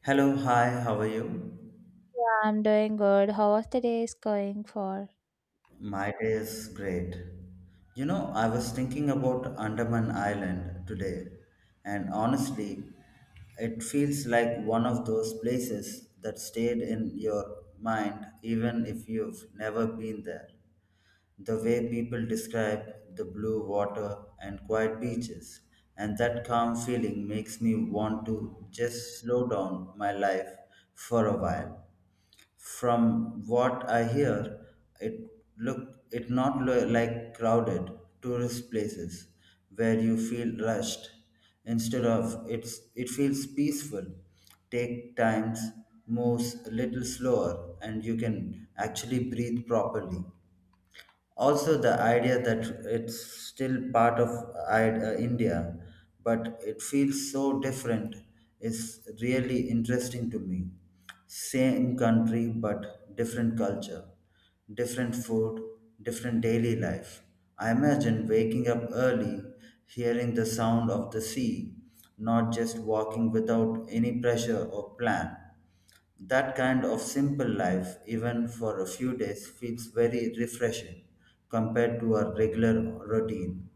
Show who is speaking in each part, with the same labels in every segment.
Speaker 1: Hello, hi, how are you?
Speaker 2: Yeah, I'm doing good. How was the day is going for?
Speaker 1: My day is great. You know, I was thinking about Andaman Island today, and honestly, it feels like one of those places that stayed in your mind even if you've never been there. The way people describe the blue water and quiet beaches, and that calm feeling makes me want to just slow down my life for a while. From what I hear, it look it not lo- like crowded tourist places where you feel rushed. Instead of it's it feels peaceful. Take times moves a little slower and you can actually breathe properly. Also the idea that it's still part of India but it feels so different is really interesting to me. Same country but different culture, different food, different daily life. I imagine waking up early, hearing the sound of the sea, not just walking without any pressure or plan. That kind of simple life, even for a few days, feels very refreshing compared to our regular routine.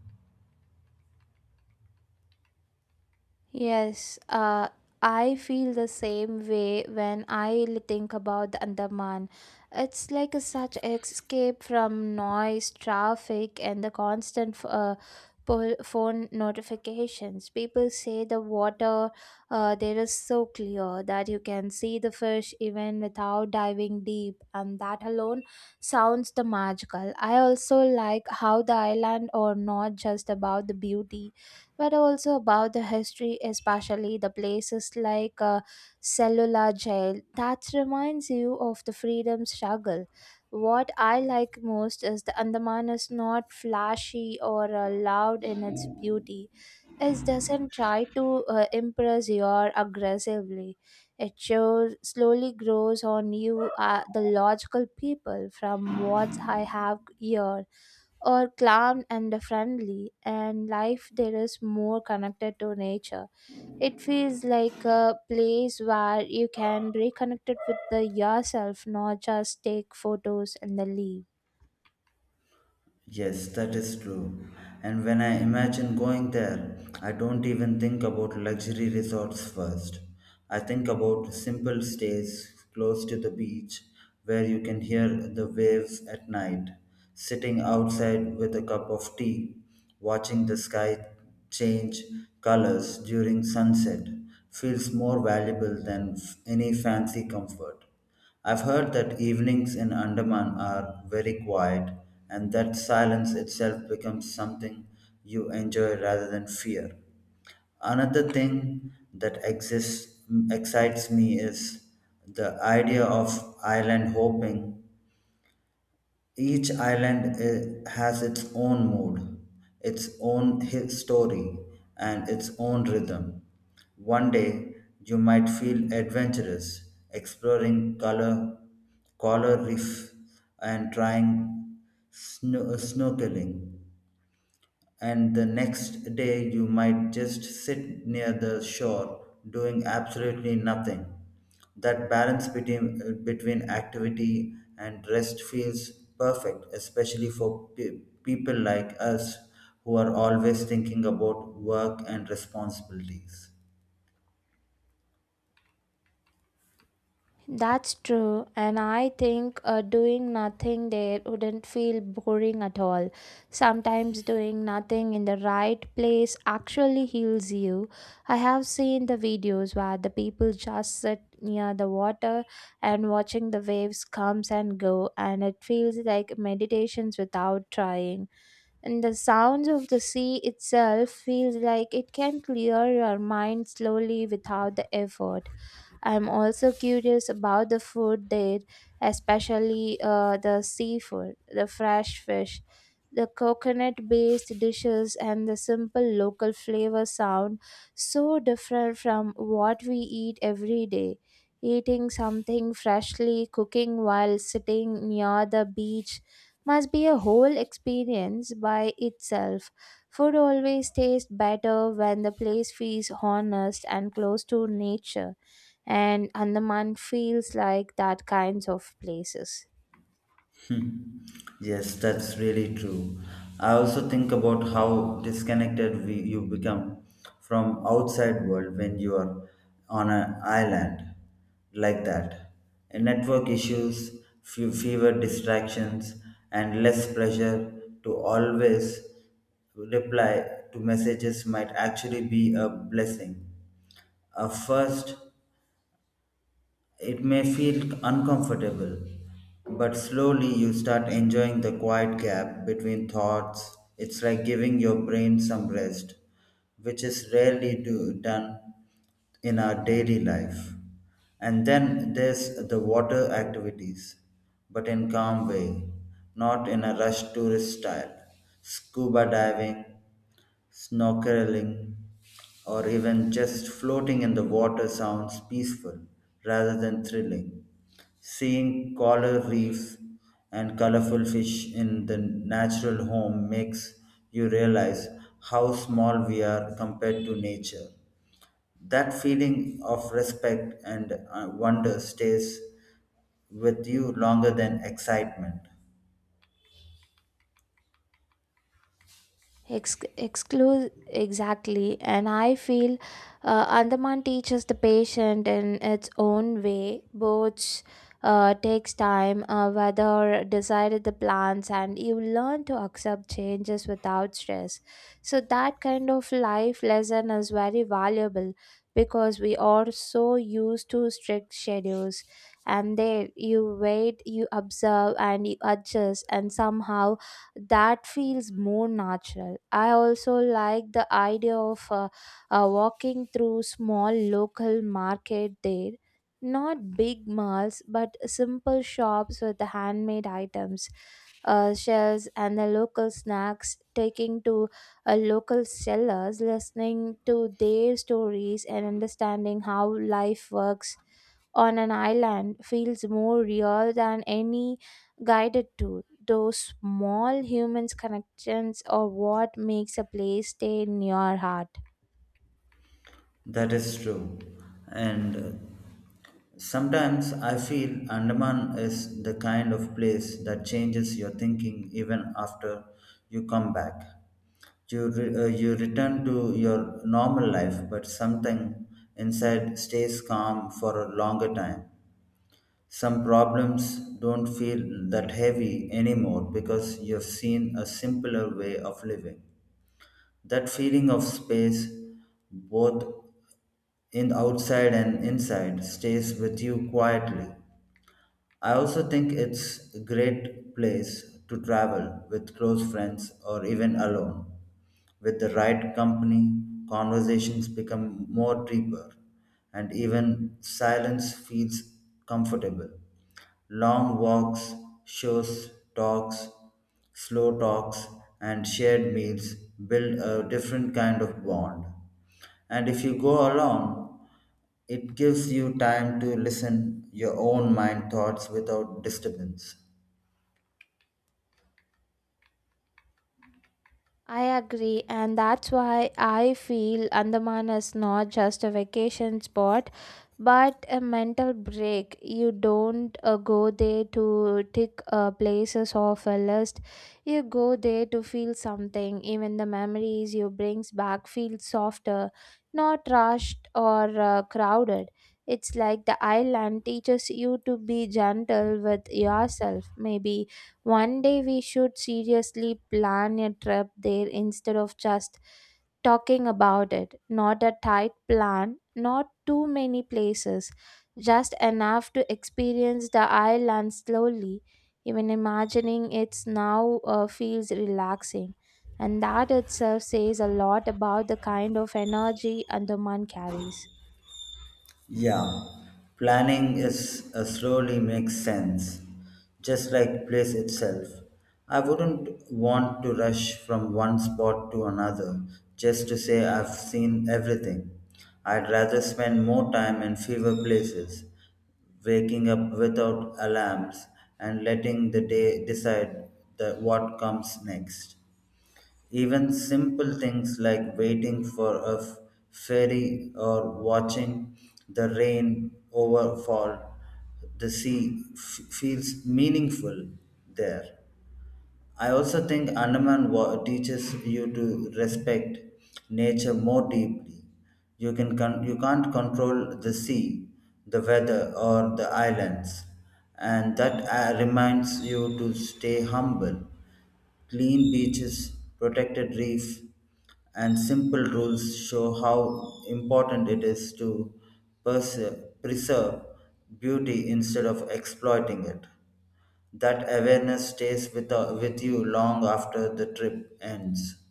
Speaker 2: Yes, I feel the same way when I think about the Andaman. It's like a such escape from noise, traffic, and the constant phone notifications. People say the water there is so clear that you can see the fish even without diving deep, and that alone sounds the magical. I also like how the island are not just about the beauty but also about the history, especially the places like Cellular Jail, that reminds you of the freedom struggle. What I like most is the Andaman is not flashy or loud in its beauty. It doesn't try to impress you aggressively. It shows slowly grows on you, the logical people, from what I have here or calm and friendly and life there is more connected to nature. It feels like a place where you can reconnect it with the yourself, not just take photos and then leave.
Speaker 1: Yes, that is true. And when I imagine going there, I don't even think about luxury resorts first. I think about simple stays close to the beach where you can hear the waves at night, sitting outside with a cup of tea, watching the sky change colors during sunset feels more valuable than any fancy comfort. I've heard that evenings in Andaman are very quiet and that silence itself becomes something you enjoy rather than fear. Another thing that exists, Excites me is the idea of island hopping. Each island has its own mood, its own story, and its own rhythm. One day, you might feel adventurous, exploring color reef, and trying snorkeling, and the next day you might just sit near the shore doing absolutely nothing. That balance between activity and rest feels perfect, especially for people like us who are always thinking about work and responsibilities.
Speaker 2: That's true, and I think doing nothing there wouldn't feel boring at all. Sometimes doing nothing in the right place actually heals you. I have seen the videos where the people just sit near the water and watching the waves comes and go, and it feels like meditations without trying. And the sounds of the sea itself feels like it can clear your mind slowly without the effort. I'm also curious about the food there, especially the seafood, the fresh fish, the coconut based dishes, and the simple local flavor sound so different from what we eat every day. Eating something freshly, cooking while sitting near the beach must be a whole experience by itself. Food always tastes better when the place feels honest and close to nature, and Andaman feels like that kinds of places.
Speaker 1: Hmm. Yes, that's really true. I also think about how disconnected you become from outside world when you are on an island like that. And network issues, fewer distractions, and less pressure to always reply to messages might actually be a blessing. A first it may feel uncomfortable, but slowly you start enjoying the quiet gap between thoughts. It's like giving your brain some rest, which is rarely done in our daily life. And then there's the water activities, but in calm way, not in a rushed tourist style. Scuba diving, snorkeling, or even just floating in the water sounds peaceful rather than thrilling. Seeing coral reefs and colorful fish in the natural home makes you realize how small we are compared to nature. That feeling of respect and wonder stays with you longer than excitement.
Speaker 2: Ex- exclude Exactly, and I feel Andaman teaches the patient in its own way. Both takes time, whether decided the plans and you learn to accept changes without stress. So that kind of life lesson is very valuable, because we are so used to strict schedules, and there you wait, you observe, and you adjust, and somehow that feels more natural. I also like the idea of walking through small local market there. Not big malls, but simple shops with the handmade items, shells, and the local snacks. Taking to a local sellers, listening to their stories, and understanding how life works on an island feels more real than any guided tour. Those small human connections are what makes a place stay in your heart.
Speaker 1: That is true. And sometimes I feel Andaman is the kind of place that changes your thinking even after you come back. You return to your normal life, but something inside stays calm for a longer time. Some problems don't feel that heavy anymore because you've seen a simpler way of living. That feeling of space, both in outside and inside stays with you quietly. I also think it's a great place to travel with close friends or even alone. With the right company, conversations become more deeper and even silence feels comfortable. Long walks, talks, slow talks, and shared meals build a different kind of bond. And if you go alone, it gives you time to listen your own mind thoughts without disturbance.
Speaker 2: I agree, and that's why I feel Andaman is not just a vacation spot but a mental break. You don't go there to tick places off a list, you go there to feel something. Even the memories you brings back feel softer, not rushed or crowded. It's like the island teaches you to be gentle with yourself. Maybe one day we should seriously plan a trip there instead of just talking about it. Not a tight plan, not too many places, just enough to experience the island slowly. Even imagining it's now feels relaxing. And that itself says a lot about the kind of energy and the man carries.
Speaker 1: Yeah, planning is slowly makes sense, just like place itself. I wouldn't want to rush from one spot to another just to say I've seen everything. I'd rather spend more time in fewer places, waking up without alarms and letting the day decide what comes next. Even simple things like waiting for a ferry or watching the rain overfall the sea feels meaningful there. I also think Andaman teaches you to respect nature more deeply. You can't control the sea, the weather, or the islands, and that reminds you to stay humble. Clean beaches, protected reef, and simple rules show how important it is to perse- preserve beauty instead of exploiting it. That awareness stays with you long after the trip ends.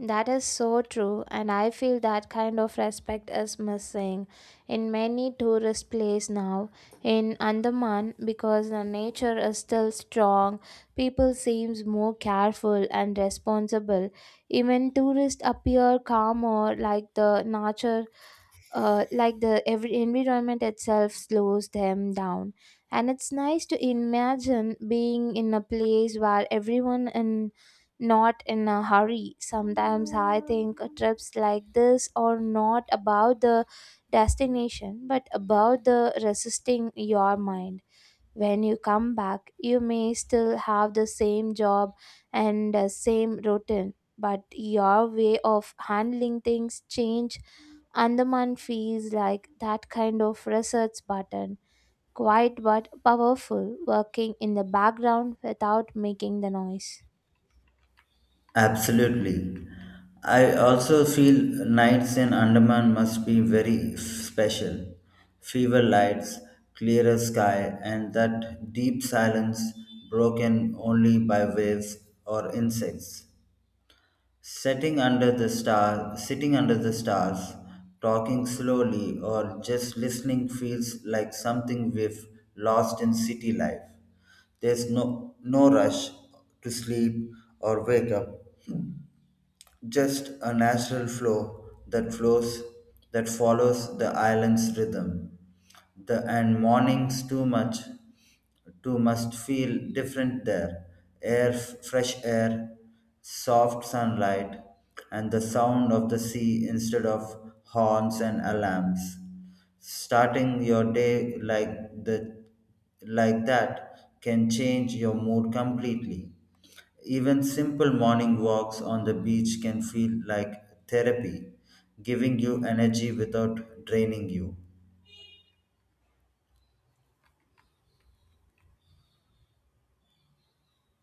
Speaker 2: That is so true, and I feel that kind of respect is missing in many tourist places now. In Andaman, because the nature is still strong, people seems more careful and responsible. Even tourists appear calmer, like the nature like the every environment itself slows them down, and it's nice to imagine being in a place where everyone and not in a hurry. Sometimes I think trips like this are not about the destination but about the resisting your mind. When you come back, you may still have the same job and same routine, but your way of handling things change. Andaman feels like that kind of research button, quiet but powerful, working in the background without making the noise.
Speaker 1: Absolutely. I also feel nights in Andaman must be very special. Fever lights, clearer sky, and that deep silence broken only by waves or insects. Sitting under the stars, talking slowly or just listening feels like something we've lost in city life. There's no rush to sleep or wake up, just a natural flow that follows the island's rhythm. The and mornings too must feel different there. Fresh air, soft sunlight, and the sound of the sea instead of horns and alarms. Starting your day like that can change your mood completely. Even simple morning walks on the beach can feel like therapy, giving you energy without draining you.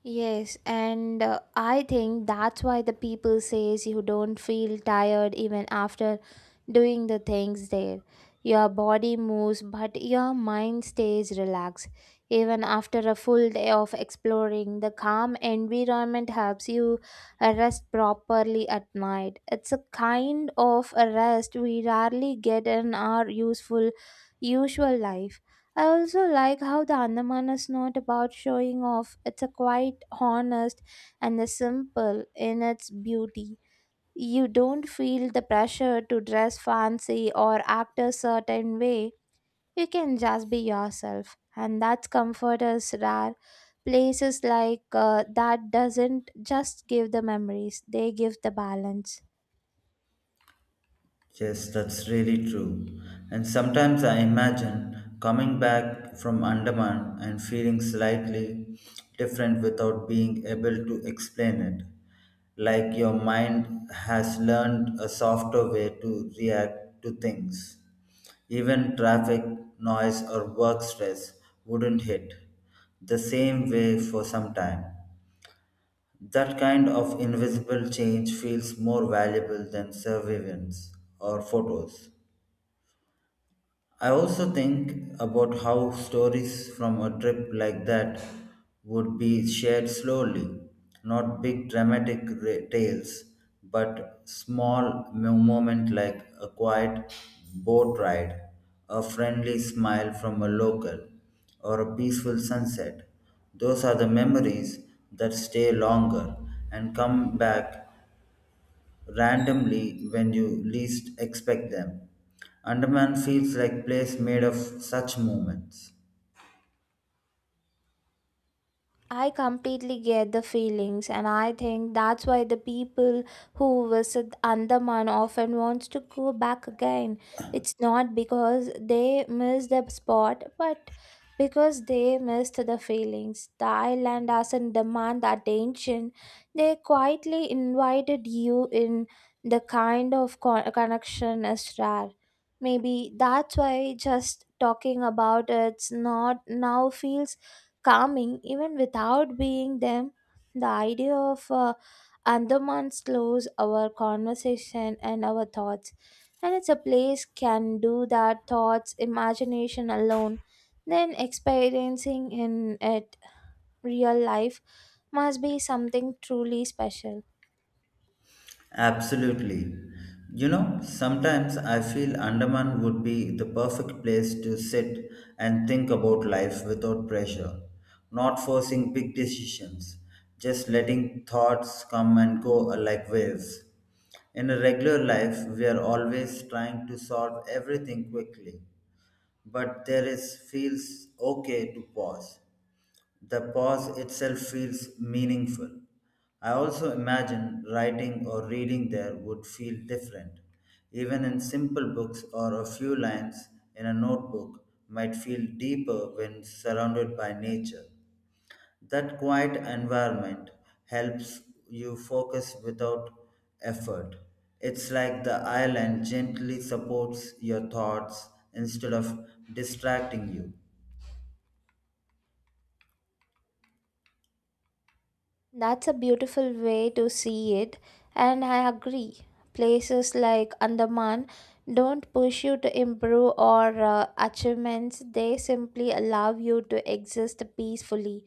Speaker 2: Yes, and I think that's why the people says you don't feel tired even after doing the things there. Your body moves, but your mind stays relaxed. Even after a full day of exploring, the calm environment helps you rest properly at night. It's a kind of a rest we rarely get in our useful usual life. I also like how the Andaman is not about showing off. It's a quite honest and a simple in its beauty. You don't feel the pressure to dress fancy or act a certain way. You can just be yourself, and that's comfort is rare. Places like that doesn't just give the memories; they give the balance.
Speaker 1: Yes, that's really true. And sometimes I imagine coming back from Andaman and feeling slightly different without being able to explain it. Like your mind has learned a softer way to react to things. Even traffic, noise, or work stress wouldn't hit the same way for some time. That kind of invisible change feels more valuable than surveillance or photos. I also think about how stories from a trip like that would be shared slowly, not big dramatic tales, but small moment like a quiet boat ride, a friendly smile from a local, or a peaceful sunset. Those are the memories that stay longer and come back randomly when you least expect them. Andaman feels like place made of such moments.
Speaker 2: I completely get the feelings, and I think that's why the people who visit Andaman often wants to go back again. It's not because they miss the spot, but because they missed the feelings. The island doesn't demand the attention; they quietly invited you in. The kind of connection is rare. Maybe that's why just talking about it's not now feels calming even without being them. The idea of Andaman slows our conversation and our thoughts, and it's a place can do that thoughts, imagination alone. Then experiencing in it real life must be something truly special.
Speaker 1: Absolutely. You know, sometimes I feel Andaman would be the perfect place to sit and think about life without pressure, not forcing big decisions, just letting thoughts come and go like waves. In a regular life, we are always trying to solve everything quickly, but there is feels okay to pause. The pause itself feels meaningful. I also imagine writing or reading there would feel different. Even in simple books or a few lines in a notebook might feel deeper when surrounded by nature. That quiet environment helps you focus without effort. It's like the island gently supports your thoughts instead of distracting you.
Speaker 2: That's a beautiful way to see it, and I agree. Places like Andaman don't push you to improve or achievements, they simply allow you to exist peacefully.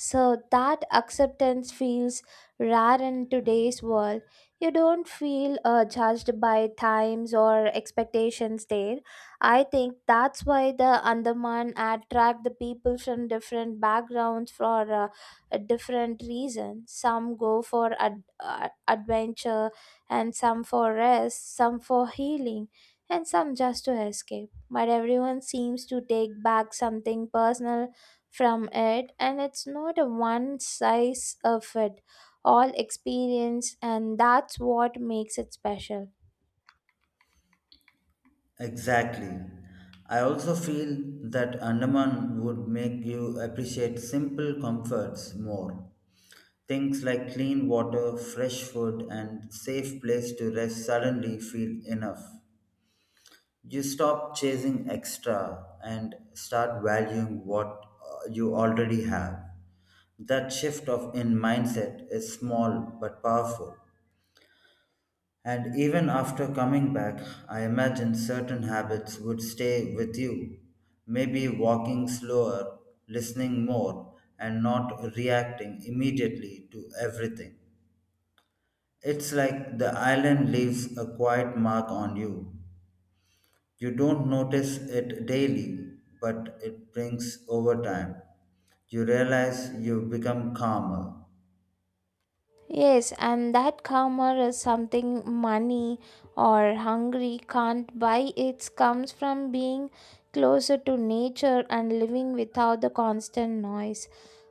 Speaker 2: So that acceptance feels rare in today's world. You don't feel judged by times or expectations there. I think that's why the Andaman attract the people from different backgrounds for a different reason. Some go for adventure, and some for rest, some for healing, and some just to escape. But everyone seems to take back something personal from it, and it's not a one size of it all experience, and that's what makes it special.
Speaker 1: Exactly. I also feel that Andaman would make you appreciate simple comforts more. Things like clean water, fresh food, and safe place to rest suddenly feel enough. You stop chasing extra and start valuing what you already have. That shift of in mindset is small but powerful. And even after coming back, I imagine certain habits would stay with you. Maybe walking slower, listening more, and not reacting immediately to everything. It's like the island leaves a quiet mark on you. You don't notice it daily, but it brings over time. You realize you've become calmer.
Speaker 2: Yes, and that karma is something money or hungry can't buy. It comes from being closer to nature and living without the constant noise.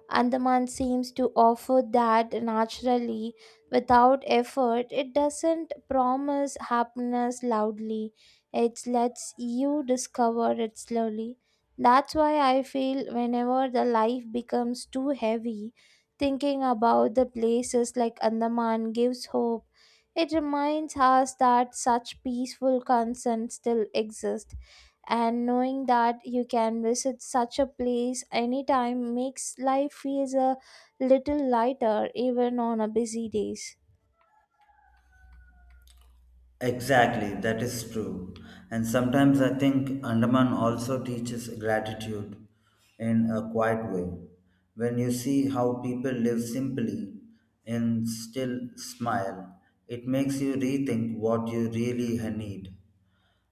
Speaker 2: Andaman seems to offer that naturally without effort. It doesn't promise happiness loudly, it lets you discover it slowly. That's why I feel whenever the life becomes too heavy, thinking about the places like Andaman gives hope. It reminds us that such peaceful concerns still exist, and knowing that you can visit such a place anytime makes life feels a little lighter even on a busy days.
Speaker 1: Exactly, that is true. And sometimes I think Andaman also teaches gratitude in a quiet way. When you see how people live simply and still smile, it makes you rethink what you really need.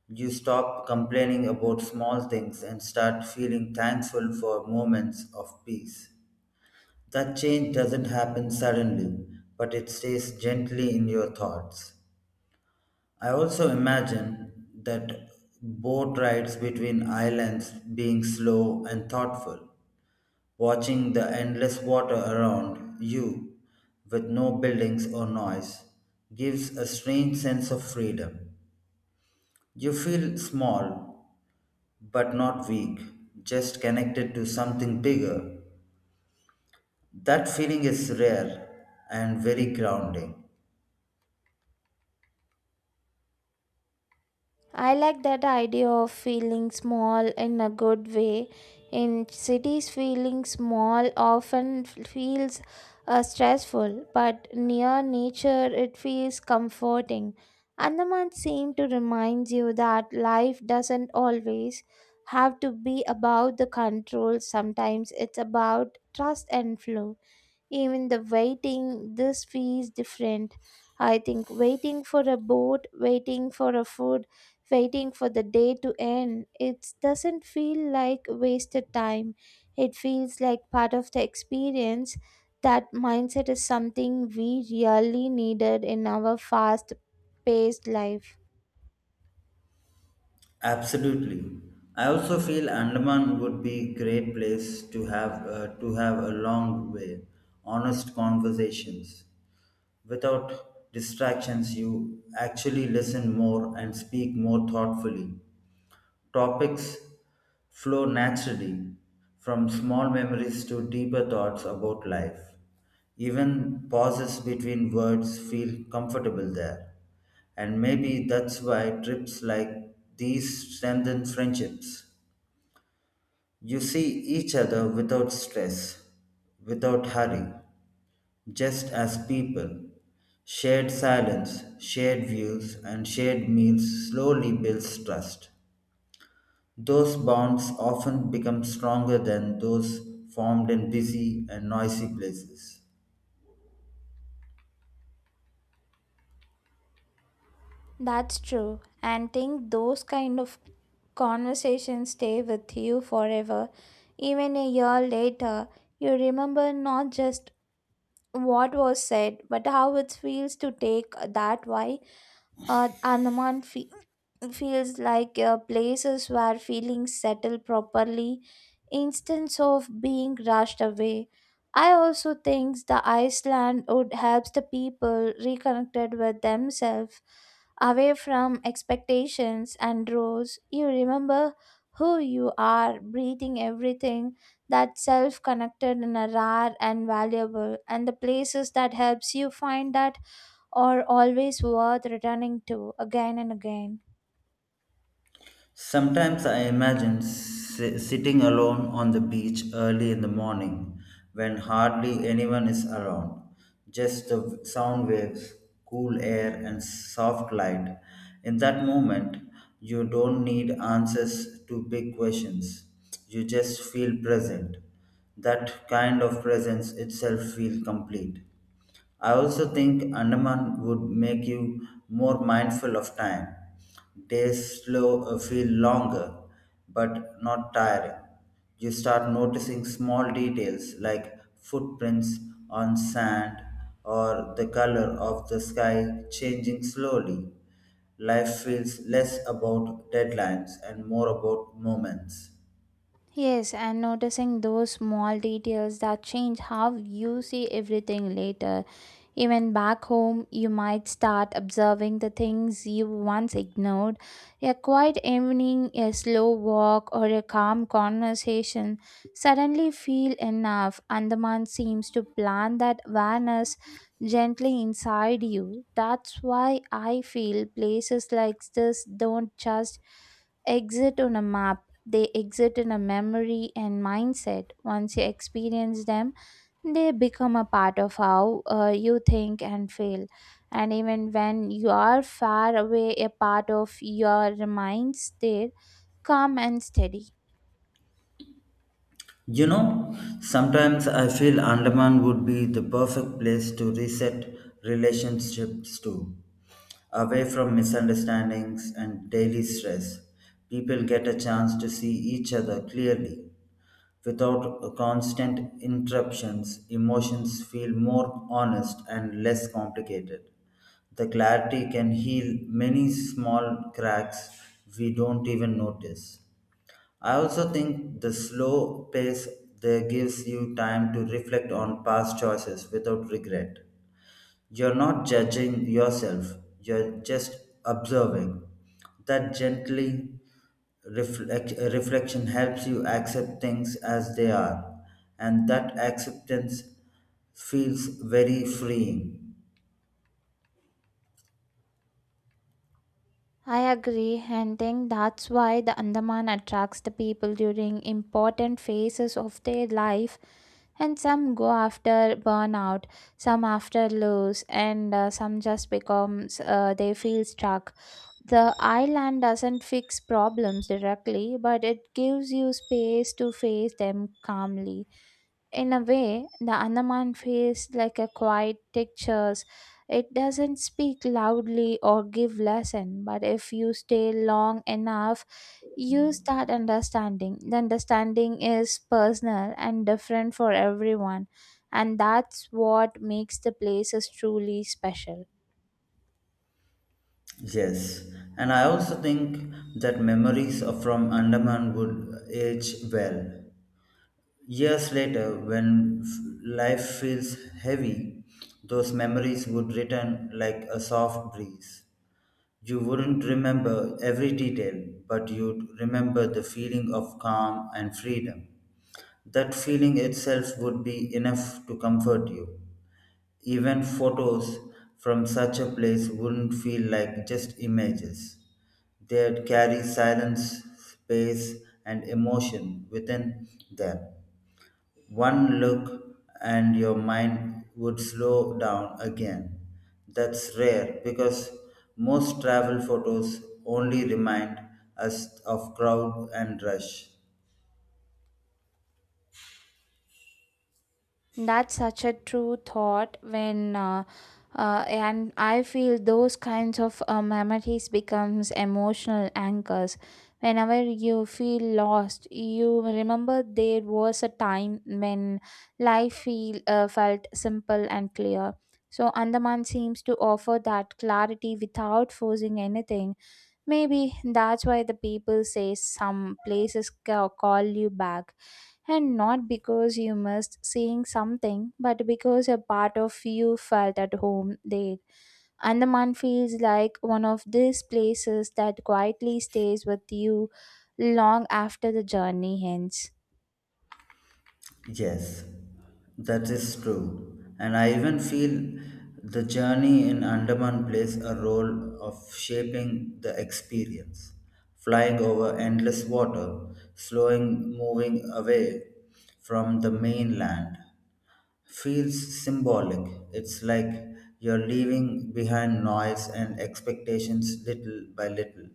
Speaker 1: You stop complaining about small things and start feeling thankful for moments of peace. That change doesn't happen suddenly, but it stays gently in your thoughts. I also imagine that boat rides between islands being slow and thoughtful, watching the endless water around you with no buildings or noise gives a strange sense of freedom. You feel small but not weak, just connected to something bigger. That feeling is rare and very grounding.
Speaker 2: I like that idea of feeling small in a good way. In cities, feeling small often feels stressful, but near nature, it feels comforting. Andaman seem to remind you that life doesn't always have to be about the control. Sometimes it's about trust and flow. Even the waiting this feels different. I think waiting for a boat, waiting for a food, waiting for the day to end, it doesn't feel like wasted time, it feels like part of the experience. That mindset is something we really needed in our fast paced life.
Speaker 1: Absolutely. I also feel Andaman would be great place to have a long way, honest conversations. Without distractions, you actually listen more and speak more thoughtfully. Topics flow naturally from small memories to deeper thoughts about life. Even pauses between words feel comfortable there. And maybe that's why trips like these strengthen friendships. You see each other without stress, without hurry, just as people. Shared silence, shared views, and shared meals slowly builds trust. Those bonds often become stronger than those formed in busy and noisy places.
Speaker 2: That's true. And think those kind of conversations stay with you forever. Even a year later, you remember not just what was said, but how it feels to take that why uh, Andaman fe- feels like places where feelings settle properly instead of being rushed away. I also think the Iceland would help the people reconnected with themselves, away from expectations and roles. You remember who you are, breathing everything, that self-connected in a rare and valuable, and the places that helps you find that or always worth returning to again and again.
Speaker 1: Sometimes I imagine sitting alone on the beach early in the morning when hardly anyone is around. Just the sound waves, cool air, and soft light. In that moment, you don't need answers to big questions. You just feel present. That kind of presence itself feels complete. I also think Andaman would make you more mindful of time. Days slow feel longer, but not tiring. You start noticing small details like footprints on sand or the color of the sky changing slowly. Life feels less about deadlines and more about moments.
Speaker 2: Yes, and noticing those small details that change how you see everything later. Even back home, you might start observing the things you once ignored. A quiet evening, a slow walk, or a calm conversation suddenly feel enough. Andaman seems to plant that awareness gently inside you. That's why I feel places like this don't just exit on a map, they exit in a memory and mindset. Once you experience them, they become a part of how you think and feel, and even when you are far away, a part of your mind there calm and steady.
Speaker 1: You know, sometimes I feel Andaman would be the perfect place to reset relationships to. Away from misunderstandings and daily stress, people get a chance to see each other clearly. Without constant interruptions, emotions feel more honest and less complicated. The clarity can heal many small cracks we don't even notice. I also think the slow pace there gives you time to reflect on past choices without regret. You're not judging yourself, you're just observing. That gently reflection helps you accept things as they are, and that acceptance feels very freeing.
Speaker 2: I agree, and think that's why the Andaman attracts the people during important phases of their life, and some go after burnout, some after loss, and some just becomes they feel stuck. The island doesn't fix problems directly, but it gives you space to face them calmly. In a way, the Andaman feels like a quiet teacher's. It doesn't speak loudly or give lesson, but if you stay long enough, you start understanding. The understanding is personal and different for everyone, and that's what makes the places truly special.
Speaker 1: Yes, and I also think that memories from Andaman would age well. Years later, when life feels heavy, those memories would return like a soft breeze. You wouldn't remember every detail, but you'd remember the feeling of calm and freedom. That feeling itself would be enough to comfort you. Even photos from such a place wouldn't feel like just images. They'd carry silence, space, and emotion within them. One look and your mind would slow down again. That's rare because most travel photos only remind us of crowd and rush.
Speaker 2: That's such a true thought when and I feel those kinds of memories becomes emotional anchors. Whenever you feel lost, you remember there was a time when life felt simple and clear. So Andaman seems to offer that clarity without forcing anything. Maybe that's why the people say some places call you back, and not because you missed seeing something, but because a part of you felt at home there. Andaman feels like one of these places that quietly stays with you long after the journey ends.
Speaker 1: Yes, that is true. And I even feel the journey in Andaman plays a role of shaping the experience. Flying over endless water, slowing moving away from the mainland, feels symbolic. It's like you're leaving behind noise and expectations little by little.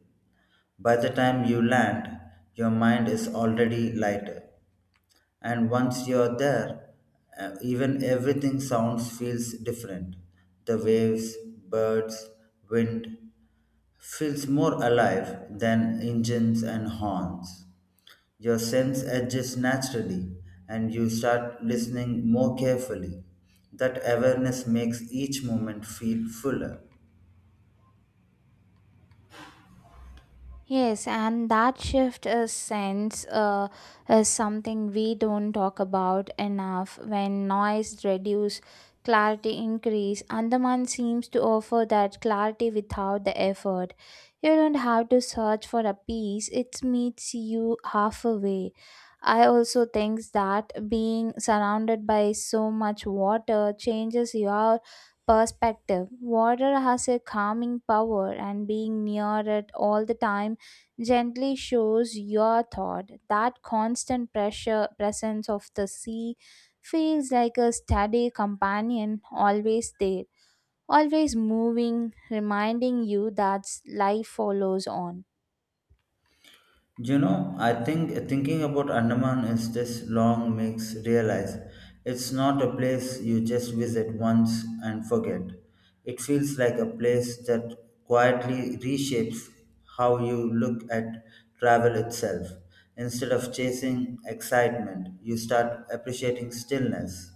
Speaker 1: By the time you land, your mind is already lighter. And once you're there, even everything sounds feels different. The waves, birds, wind, feels more alive than engines and horns. Your sense adjusts naturally and you start listening more carefully. That awareness makes each moment feel fuller.
Speaker 2: Yes, and that shift is sense is something we don't talk about enough. When noise reduce, clarity increase. Andaman seems to offer that clarity without the effort. You don't have to search for a peace; it meets you halfway. I also think that being surrounded by so much water changes your perspective. Water has a calming power, and being near it all the time gently shows your thought. That constant pressure presence of the sea feels like a steady companion, always there, always moving, reminding you that life follows on.
Speaker 1: You know, I think thinking about Andaman is this long makes realize it's not a place you just visit once and forget. It feels like a place that quietly reshapes how you look at travel itself. Instead of chasing excitement, you start appreciating stillness.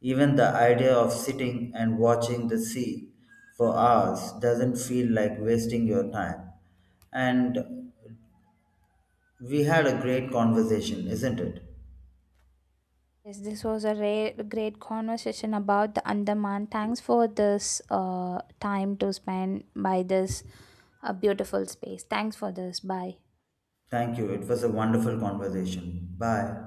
Speaker 1: Even the idea of sitting and watching the sea for hours doesn't feel like wasting your time. And we had a great conversation, isn't it?
Speaker 2: Yes, this was a rare, great conversation about the Andaman. Thanks for this time to spend by this beautiful space. Thanks for this. Bye.
Speaker 1: Thank you. It was a wonderful conversation. Bye.